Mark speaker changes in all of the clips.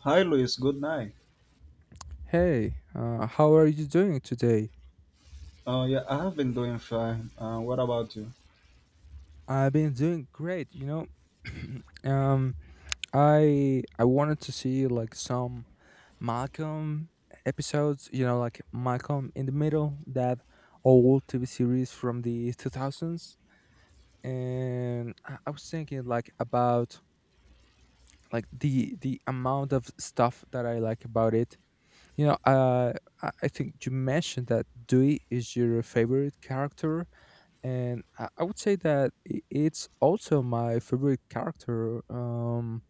Speaker 1: Hi, Luis. Good night.
Speaker 2: Hey, how are you doing today?
Speaker 1: Oh, yeah, I have been doing fine. What about you?
Speaker 2: I've been doing great. um, I wanted to see like some Malcolm episodes, you know, like Malcolm in the Middle, that old TV series from the 2000s, and I was thinking like about like the amount of stuff that I like about it. You know, uh, I think you mentioned that Dewey is your favorite character, and I would say that it's also my favorite character,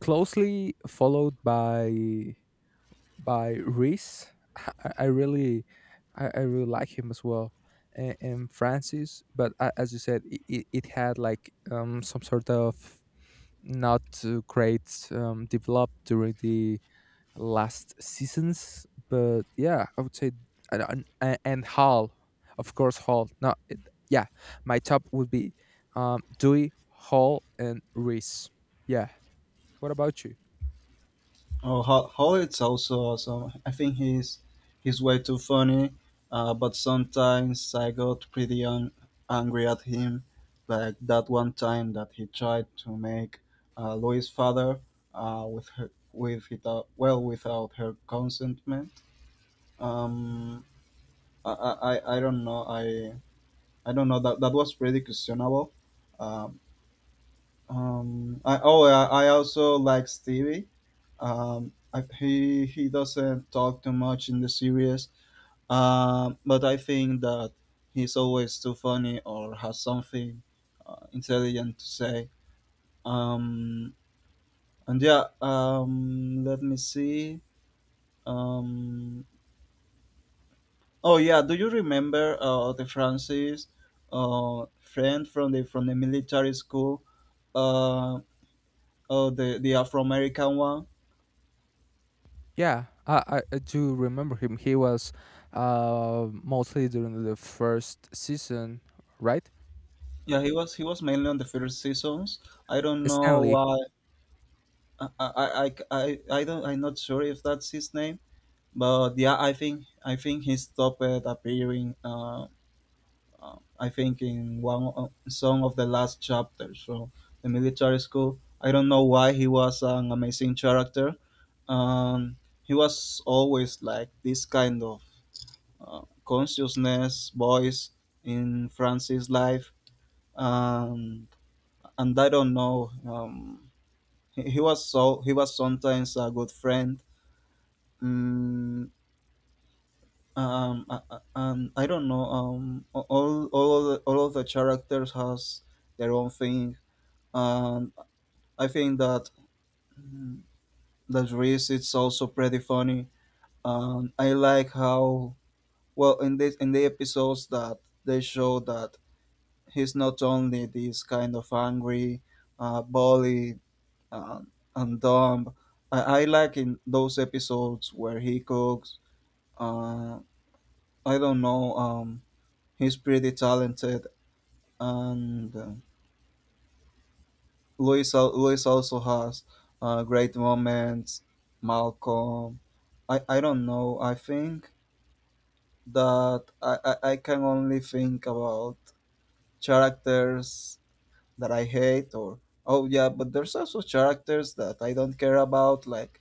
Speaker 2: closely followed by Reese. I, I really, I really like him as well, and Francis. But a as you said, it had like some sort of not great develop during the last seasons. But yeah, I would say and Hall, of course, Hall. No, yeah, my top would be Dewey, Hall, and Reese. Yeah. What about you?
Speaker 1: Oh, Howard's also awesome. I think he's way too funny, but sometimes I got pretty angry at him, like that one time that he tried to make Louis' father, without, well, without her consentment. Um, I don't know. I don't know that that was pretty questionable. Um, oh, I also like Stevie. I, he doesn't talk too much in the series, but I think that he's always too funny or has something intelligent to say. Um, and yeah, let me see. Um, oh yeah, do you remember the Francis friend from the military school? Uh, oh, the Afro American one.
Speaker 2: Yeah, I do remember him. He was mostly during the first season, right?
Speaker 1: Yeah, he was mainly on the first seasons. I don't know
Speaker 2: Stanley.
Speaker 1: why. I don't. I'm not sure if that's his name. But yeah, I think he stopped appearing. I think in some of the last chapters from the military school. I don't know why. He was an amazing character. Um, he was always like this kind of consciousness voice in Francis' life. Um, and I don't know. He was sometimes a good friend. Mm, and I don't know. A- all of the characters has their own thing, and I think that that Reese it's also pretty funny. And I like how, well, in the episodes that they show that he's not only this kind of angry, bully, and, and dumb. I like in those episodes where he cooks. Uh, I don't know. He's pretty talented, and Luis also has great moments. Malcolm, I don't know. I think that I can only think about characters that I hate. Or oh yeah, but there's also characters that I don't care about, like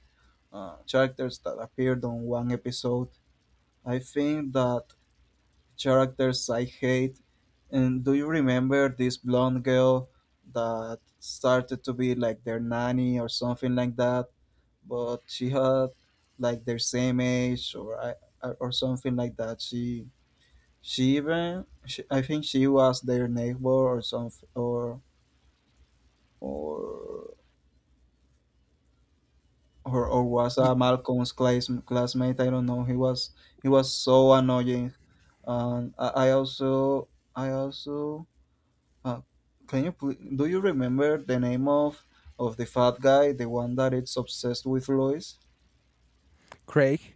Speaker 1: characters that appeared on one episode. I think that characters I hate. And do you remember this blonde girl that started to be like their nanny or something like that? But she had like their same age, or something like that. She even I think she was their neighbor or something, or or was
Speaker 2: Ye-
Speaker 1: a Malcolm's classmate. I don't know. He was so annoying. And I also, uh, can you please, do you remember the name of the fat guy, the one that is obsessed with Lois?
Speaker 2: Craig.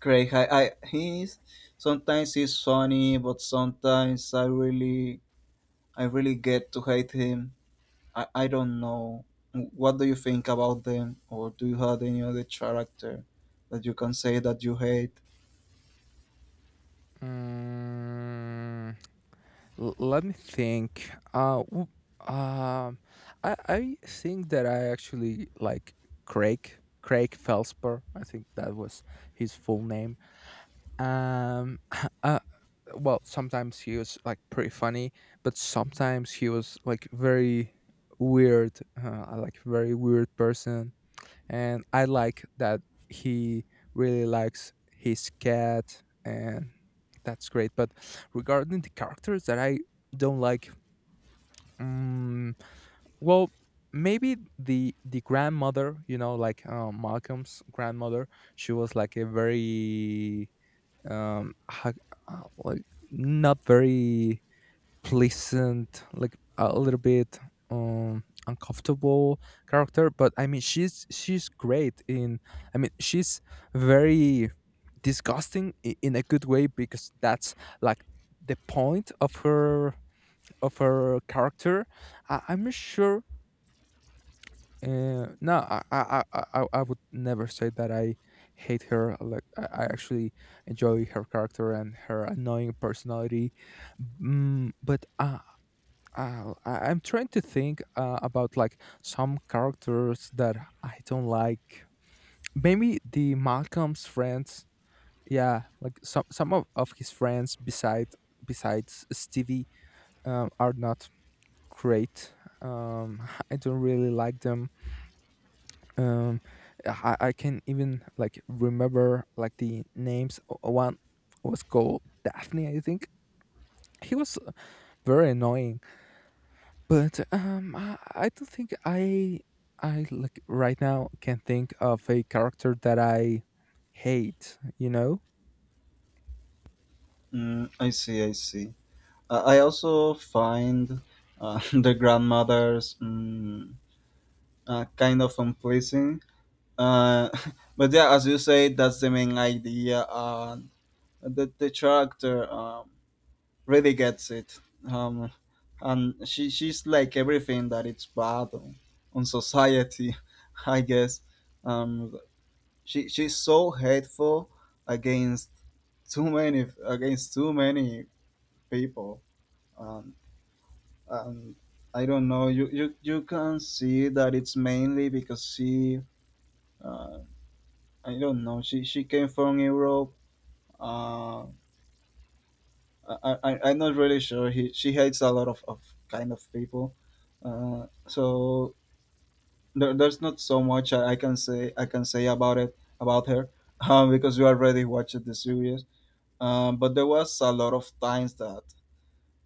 Speaker 1: Craig, I he's sometimes. He's funny, but sometimes I really get to hate him. I don't know. What do you think about them, or do you have any other character that you can say that you hate?
Speaker 2: Mm, let me think. Um, I think that I actually like Craig Felspar. I think that was his full name. Um, uh, well, sometimes he was like pretty funny, but sometimes he was like very weird. I like very weird person, and I like that he really likes his cat, and that's great. But regarding the characters that I don't like, mm, well, maybe the grandmother, you know, like Malcolm's grandmother, she was like a very um, ha- like not very pleasant, like a little bit uncomfortable character. But I mean, she's great in. I mean, she's very disgusting in a good way, because that's like the point of her character. I'm not sure. No, I would never say that I hate her. Like I actually enjoy her character and her annoying personality. Mm, but I'm trying to think about like some characters that I don't like. Maybe the Malcolm's friends. Yeah, like some of his friends besides Stevie are not great. Um, I don't really like them. Um, I can even like remember like the names. One was called Daphne, I think. He was very annoying. But I don't think I like right now can think of a character that I hate. You know?
Speaker 1: I see, I see. I also find the grandmothers kind of unpleasing. Uh, but yeah, as you say, that's the main idea. The character, really gets it. Um, and she's like everything that it's bad on, society, I guess. Um, she's so hateful against too many people. Um, um, I don't know. You can see that it's mainly because uh, I don't know. She came from Europe. Uh, I'm not really sure. She hates a lot of, kind of people. So there's not so much I can say. About it, about her because you already watched the series. But there was a lot of times that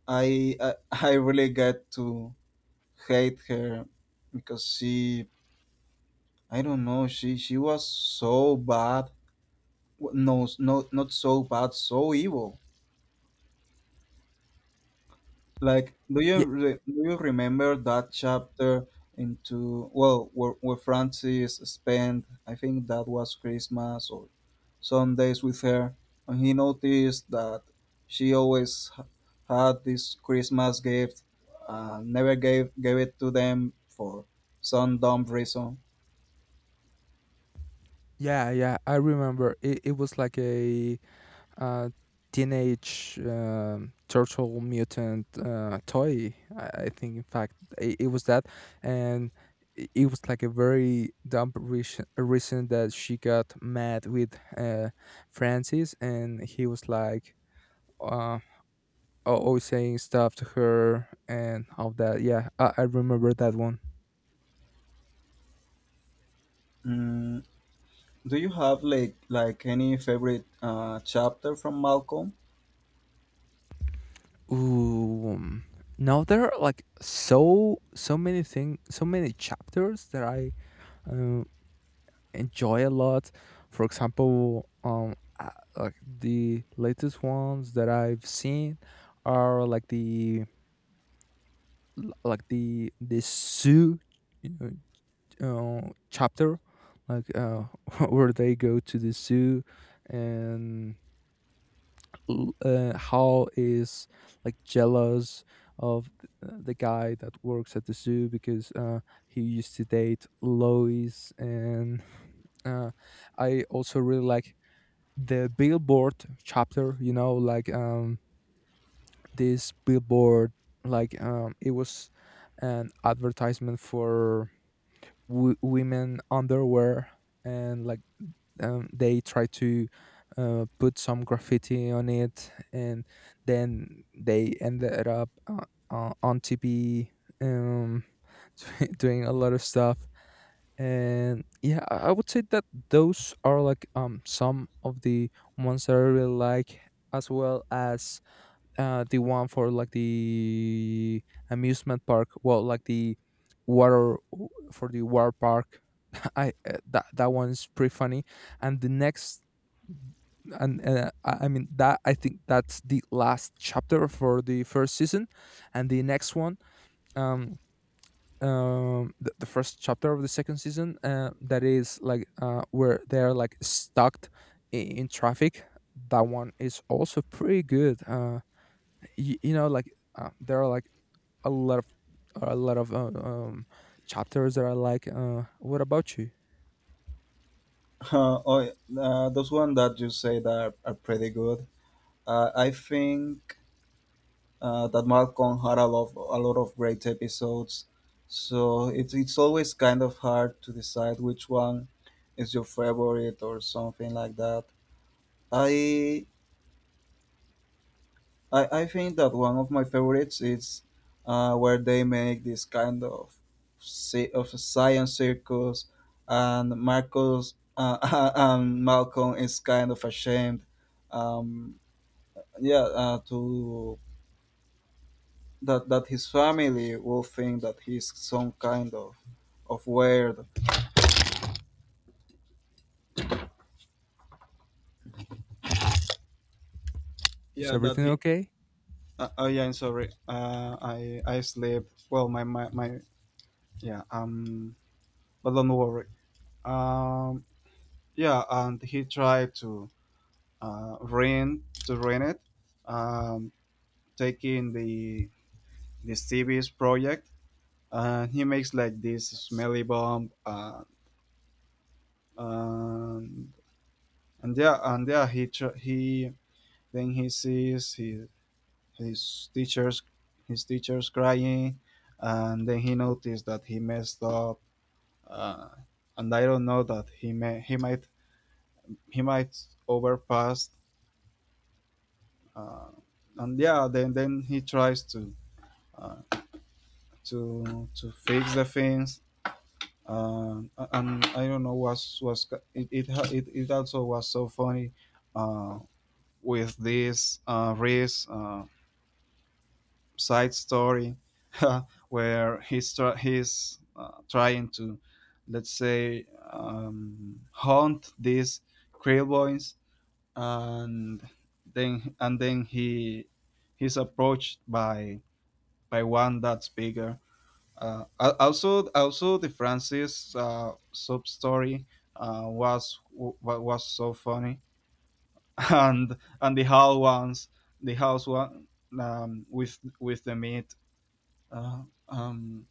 Speaker 1: I really get to hate her, because she I don't know. She was so bad. No, no, not so bad. So evil. Like,
Speaker 2: Yeah,
Speaker 1: do you remember that chapter, into well, where, Francis spent? I think that was Christmas, or Sundays with her, and he noticed that she always had this Christmas gift, never gave it to them for some dumb reason.
Speaker 2: yeah, yeah. I remember it. It was like a uh, teenage turtle mutant toy. I think, in fact, it was that, and it was like a very dumb reason that she got mad with Francis, and he was uh. Always saying stuff to her and all that. Yeah, I remember that one.
Speaker 1: Mm, Do you have like any favorite chapter from Malcolm?
Speaker 2: Ooh, now there are like so many things, so many chapters that I um, enjoy a lot. For example, like the latest ones that I've seen are like the zoo uh, uh, chapter, like where they go to the zoo and Hal is like jealous of the guy that works at the zoo because he used to date Lois, and uh, I also really like the billboard chapter. You know, like this billboard, like it was an advertisement for women underwear, and like they try to put some graffiti on it, and then they ended up on TV, um, doing a lot of stuff. And yeah, I would say that those are like some of the ones that I really like, as well as the one for like the amusement park. Well, like the water for the water park. I that that one's pretty funny. And the next, and I mean that I think that's the last chapter for the first season, and the next one. Um, the first chapter of the second season, that is like where they're like stuck in traffic. That one is also pretty good. Like there are like a lot of a lot of chapters that are like. What about you?
Speaker 1: Uh, oh, those one that you said are pretty good. I think that Malcolm had a lot of great episodes, so it's always kind of hard to decide which one is your favorite or something like that. I I think that one of my favorites is where they make this kind of a science circus, and Marcus and Malcolm is kind of ashamed, um, yeah, to that his family will think that he's some kind of weird.
Speaker 2: Is
Speaker 1: Yeah, that
Speaker 2: everything
Speaker 1: he.
Speaker 2: okay?
Speaker 1: Oh yeah, I'm sorry. I sleep. Well, my yeah. But don't worry. Um, yeah, and he tried to ruin it, um, taking the Stevie's project, and he makes like this smelly bomb, and and yeah, he then he sees his teachers, crying, and then he noticed that he messed up, uh, and I don't know that he might overpass, uh, and yeah, then he tries uh, to fix the things, uh, and I don't know, was it it, ha- it also was so funny, uh, with this Reese side story, where he's trying to, let's say, haunt these Krillboins, and and then he's approached by one that's bigger. Also the Francis sub story was so funny, and the house one, with the meat. Uh, um,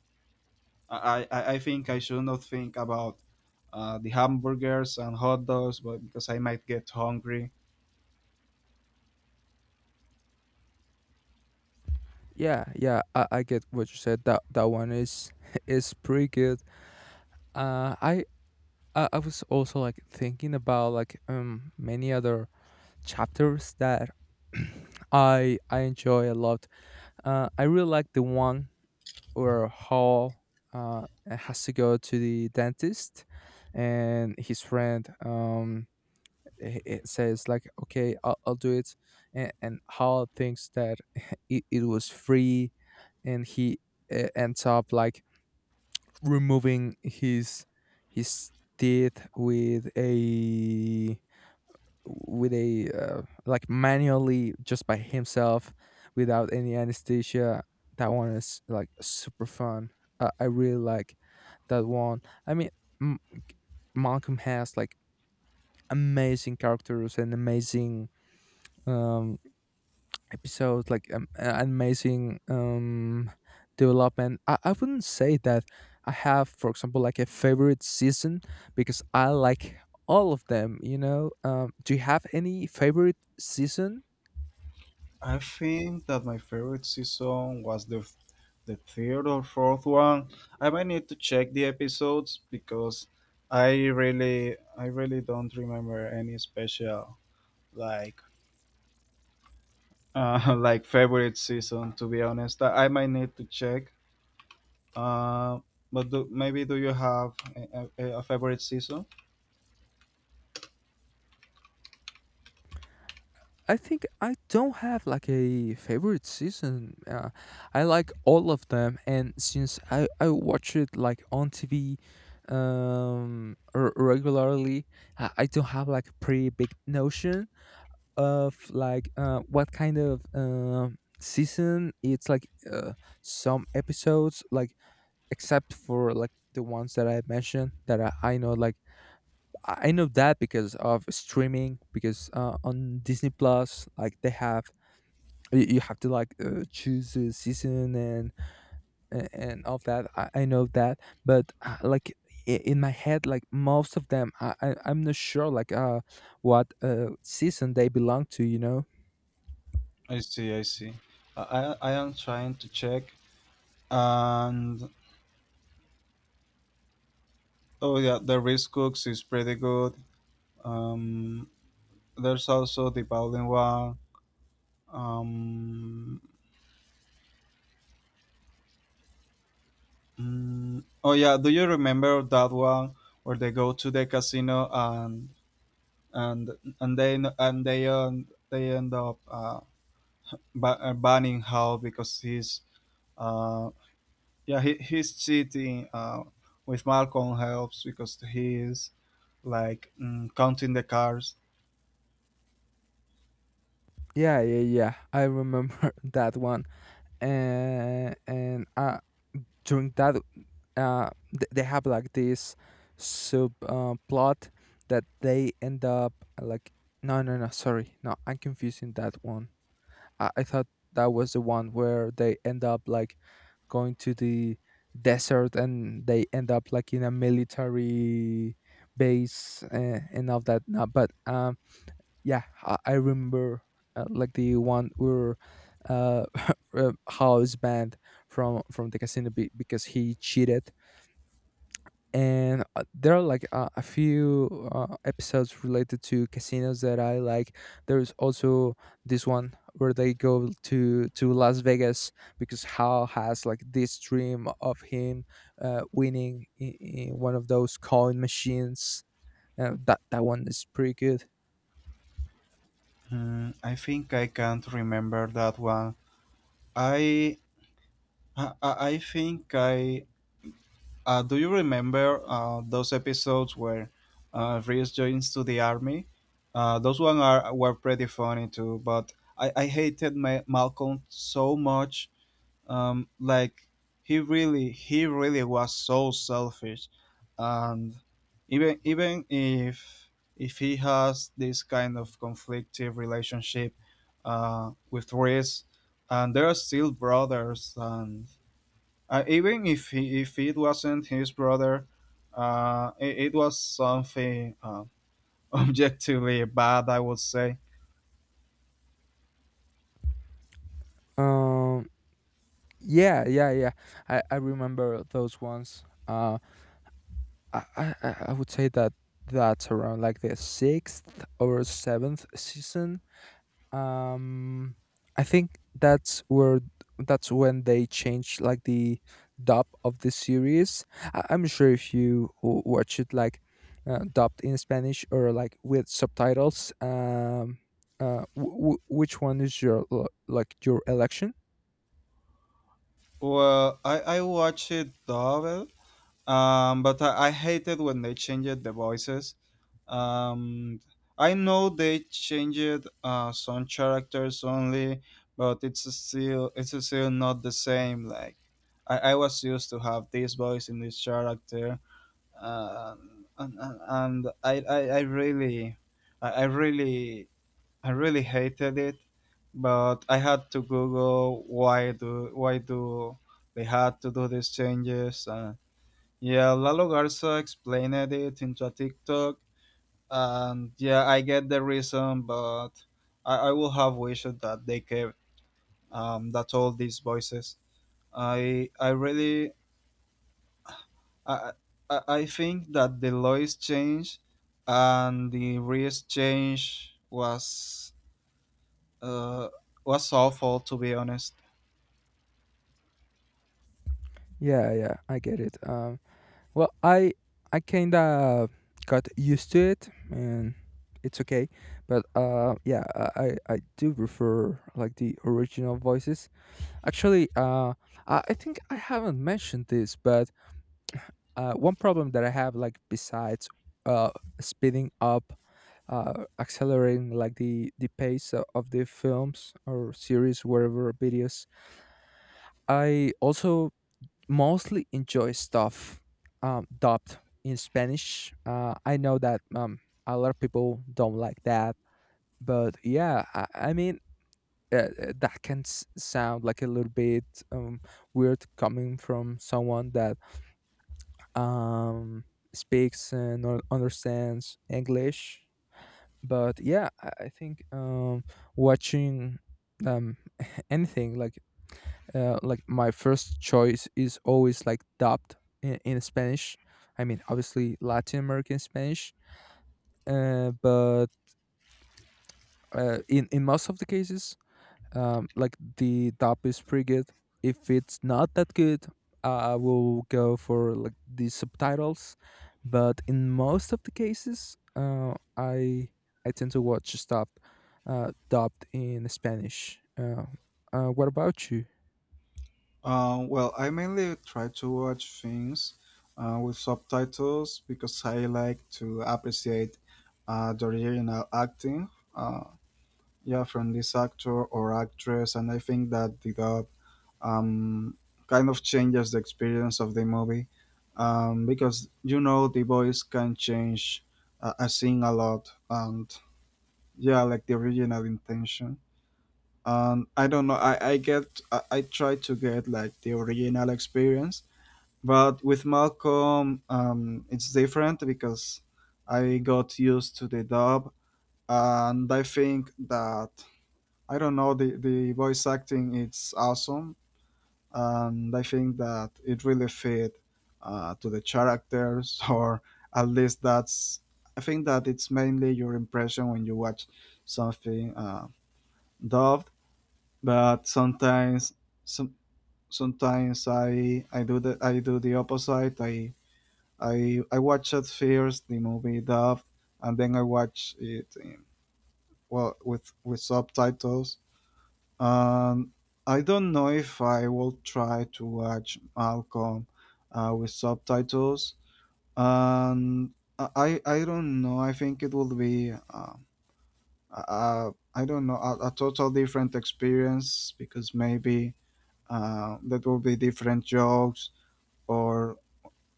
Speaker 1: I think I should not think about the hamburgers and hot dogs, but because I might get hungry.
Speaker 2: Yeah, yeah. I get what you said. That one is is pretty good. Uh i i I was also like thinking about like many other chapters that I enjoy a lot. I really like the one or Hall has to go to the dentist, and his friend, says like, "Okay, I'll do it," and Hall thinks that it was free, and he ends up like removing his teeth with a like manually, just by himself, without any anesthesia. That one is like super fun. I really like that one. I mean, M- Malcolm has like amazing characters and amazing um episodes like amazing development. I wouldn't say that I have, for example, like a favorite season, because I like all of them, you know. Do you have any favorite season?
Speaker 1: I think that my favorite season was the third or fourth one. I might need to check the episodes because I really don't remember any special, like, like favorite season, to be honest. I might need to check. Uh, but do you have a favorite season?
Speaker 2: I think I don't have like a favorite season. I like all of them, and since I watch it like on TV, regularly, I don't have like a pretty big notion of like what kind of season it's like. Some episodes like, except for like the ones that I mentioned, that I know, like I know that because of streaming, because on Disney Plus like they have, you have to like choose a season, and all that, I know that. But like in my head, like most of them, I'm not sure like what season they belong to, you know?
Speaker 1: I see, I see. I am trying to check, and oh yeah, the Rice Cooks is pretty good. Um, There's also the Bowling one. Um, oh yeah, do you remember that one where they go to the casino and they end up banning Hal because he's uh, yeah, he's cheating, with Malcolm helps, because he's like, counting the cars.
Speaker 2: Yeah, yeah, yeah. I remember that one. And during that, they have like this sub plot that they end up like. No, no, no. Sorry, no, I'm confusing that one. I thought that was the one where they end up like going to the desert, and they end up like in a military base, and all that. No, but yeah, I remember like the one where uh, house banned from the casino, because he cheated, and there are like a few episodes related to casinos that I like. There's also this one where they go to Las Vegas because Hal has like this dream of him winning in one of those coin machines. That one is pretty good.
Speaker 1: I think I can't remember that one. I I think I Do you remember those episodes where Reese joins to the army? Those one are were pretty funny too. But I hated Malcolm so much. Like, he really was so selfish, and even if he has this kind of conflictive relationship with Reese, and they are still brothers, and even if it wasn't his brother, it was something, objectively bad, I would say.
Speaker 2: um Yeah, yeah, yeah. I remember those ones. I would say that that's around like the sixth or seventh season. Um, I think that's when they changed like the dub of the series. I'm sure if you watch it like dubbed in Spanish or like with subtitles, which one is your like your election?
Speaker 1: Well, I watched it double, but I hated when they changed the voices. Um, I know they changed some characters only, but it's still not the same. Like, I was used to have this voice in this character, and I, I really I really hated it. But I had to Google why do they had to do these changes. Yeah, Lalo Garza explained it into a TikTok, and yeah, I get the reason, but I will have wished that they kept, that all these voices. I really I, I think that the laws changed, and the risk change was, uh, was awful, to be honest.
Speaker 2: Yeah, yeah, I get it. Well, I kind of got used to it, and it's okay. But yeah, I do prefer like the original voices. Actually, I think I haven't mentioned this, but one problem that I have, like besides uh speeding up, accelerating like the pace of the films or series, whatever videos, I also mostly enjoy stuff dubbed in Spanish. I know that, a lot of people don't like that, but yeah, I mean that can sound like a little bit um, weird, coming from someone that um, speaks and understands English. But yeah, I think watching um, anything like my first choice is always like dubbed in Spanish. I mean, obviously Latin American Spanish, but in most of the cases, like the dub is pretty good. If it's not that good, I will go for like the subtitles. But in most of the cases, I tend to watch stuff dubbed in Spanish. What about you?
Speaker 1: Well, I mainly try to watch things with subtitles, because I like to appreciate the original acting. Uh, yeah, from this actor or actress. And I think that the dub, um, kind of changes the experience of the movie, because you know the voice can change, a scene, a lot. And yeah, like the original intention. And I don't know, I try to get like the original experience, but with Malcolm, it's different, because I got used to the dub, and I think that, I don't know, the voice acting. It's awesome, and I think that it really fit, to the characters, or at least that's. I think that it's mainly your impression when you watch something dubbed, but sometimes some. Sometimes I do the opposite. I watch it first the movie dubbed, and then I watch it in, well with subtitles. Um, I don't know if I will try to watch Malcolm with subtitles. And I don't know. I think it will be, I don't know, a total different experience because maybe that will be different jokes or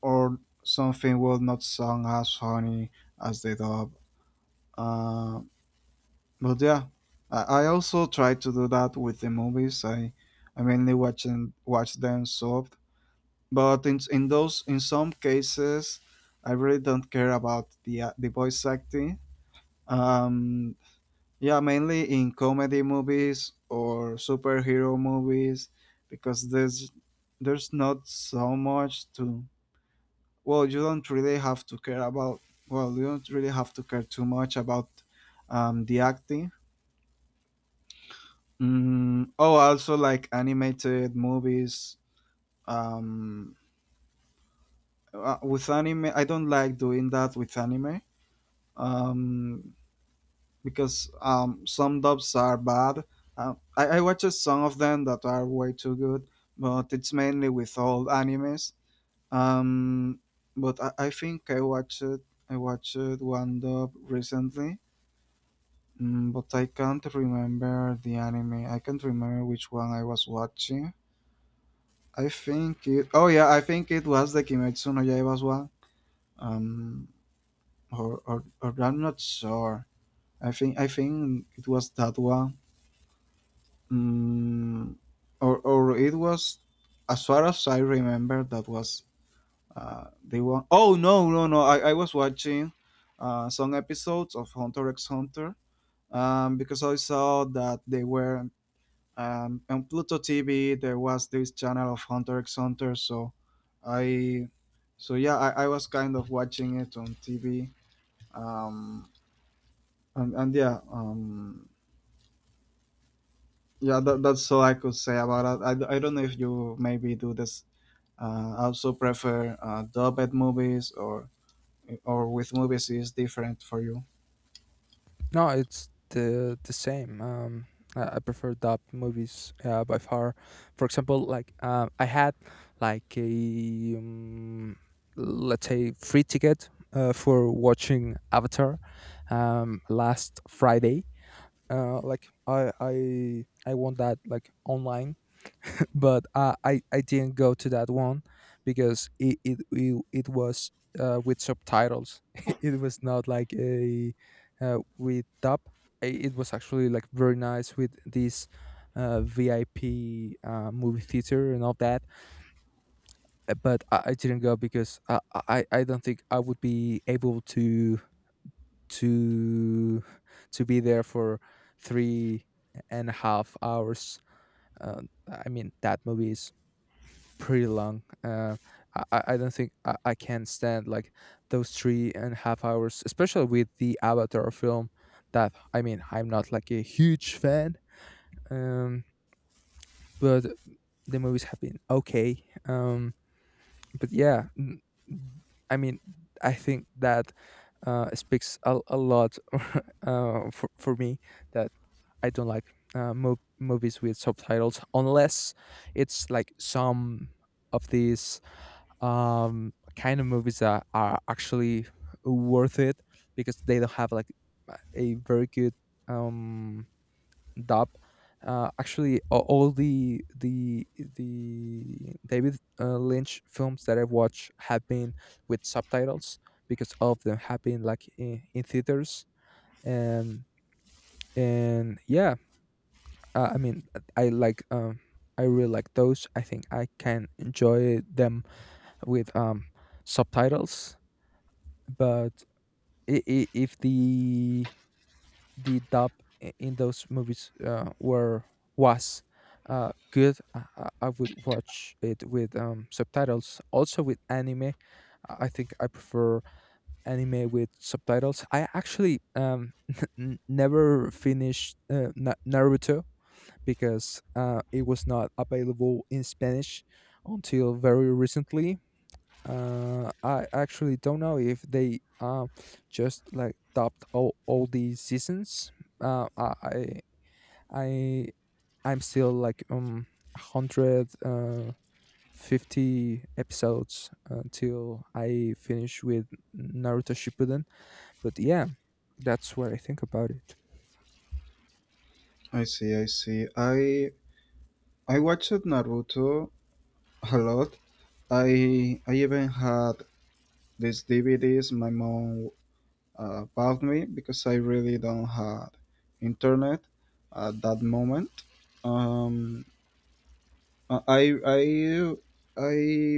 Speaker 1: or something will not sound as funny as the dub. Uh, But yeah, I also try to do that with the movies. I mainly watch and watch them soft. But in those in some cases, I really don't care about the voice acting. Um, yeah, mainly in comedy movies or superhero movies because there's not so much to. Well, you don't really have to care about. Well, you don't really have to care too much about the acting. Mm, oh, also like animated movies. Um, with anime, I don't like doing that with anime. Um, because some dubs are bad. I watched some of them that are way too good, but it's mainly with old animes. Um, but I think I watched one dub recently. Mm, but I can't remember the anime. I can't remember which one I was watching. I think it. Oh yeah, I think it was the Kimetsu no Yaiba as well. Um, or I'm not sure. I think it was that one. Mm, or it was, as far as I remember, that was the one. Oh no no no! I was watching, some episodes of Hunter x Hunter. Because I saw that they were and on Pluto TV there was this channel of Hunter x Hunter. I, so yeah, I was kind of watching it on TV. Um, and yeah, yeah, that's all I could say about it. I don't know if you maybe do this. Also prefer dubbed movies or with movies is different for you.
Speaker 2: No, it's the same. I prefer dub movies by far. For example, like I had like a let's say free ticket for watching Avatar last Friday. I won that like online, but I didn't go to that one because it was with subtitles. It was not like a with dub. It was actually like very nice with this VIP movie theater and all that. But I didn't go because I don't think I would be able to to be there for 3.5 hours. Uh, I mean that movie is pretty long. I don't think I can stand like those 3.5 hours, especially with the Avatar film. That I mean, I'm not like a huge fan, um, but the movies have been okay. But yeah, n- I mean, I think that speaks a lot for me that I don't like movies with subtitles unless it's like some of these kind of movies that are actually worth it because they don't have like a very good um dub. Actually, all the David Lynch films that I've watched have been with subtitles, because all of them have been like in theaters. And and Yeah, I mean, i like um I really like those. I think I can enjoy them with subtitles, but if the dub in those movies, were was good, I would watch it with subtitles. Also, with anime, I think I prefer anime with subtitles. I actually, never finished Naruto because it was not available in Spanish until very recently. I actually don't know if they just like dubbed all these seasons. Uh, I I I- I'm still like hundred fifty episodes until I finish with Naruto Shippuden. But yeah, that's what I think about it.
Speaker 1: I see, I see. I watched Naruto a lot. I even had these DVDs my mom about me because I really don't have internet at that moment. Um, I I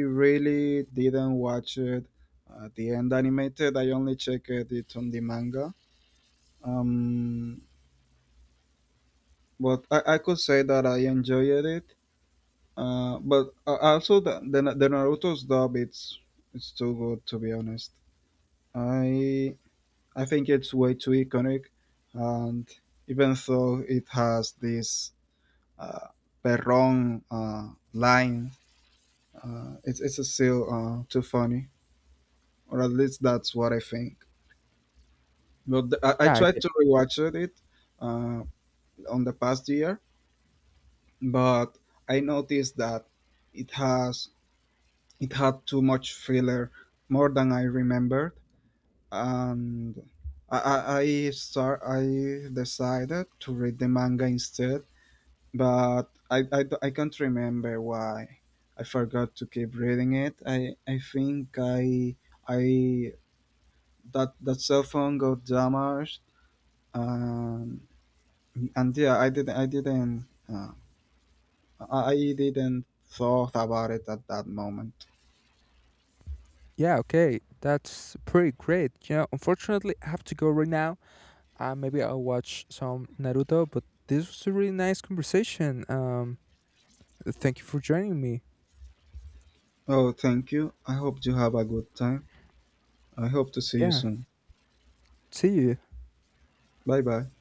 Speaker 1: really didn't watch it at the end animated. I only checked it on the manga. Um, but I could say that I enjoyed it. But Also the the Naruto's dub it's too good to be honest. I I think it's way too iconic, and even though it has this uh, Perron line, it's still too funny, or at least that's what I think. But I
Speaker 2: Yeah, I
Speaker 1: tried
Speaker 2: get.
Speaker 1: to rewatch it uh, on the past year, but I noticed that it has it had too much filler, more than I remembered, and I decided to read the manga instead, but I can't remember why I forgot to keep reading it. I think I that that cell phone got damaged, and yeah, I didn't I didn't thought about it at that moment.
Speaker 2: Yeah, okay. That's pretty great. You know, unfortunately, I have to go right now. Maybe I'll watch some Naruto, but this was a really nice conversation. Thank you for joining me.
Speaker 1: Oh, thank you. I hope you have a good time. I hope to see you
Speaker 2: Yeah.
Speaker 1: soon.
Speaker 2: See you.
Speaker 1: Bye bye.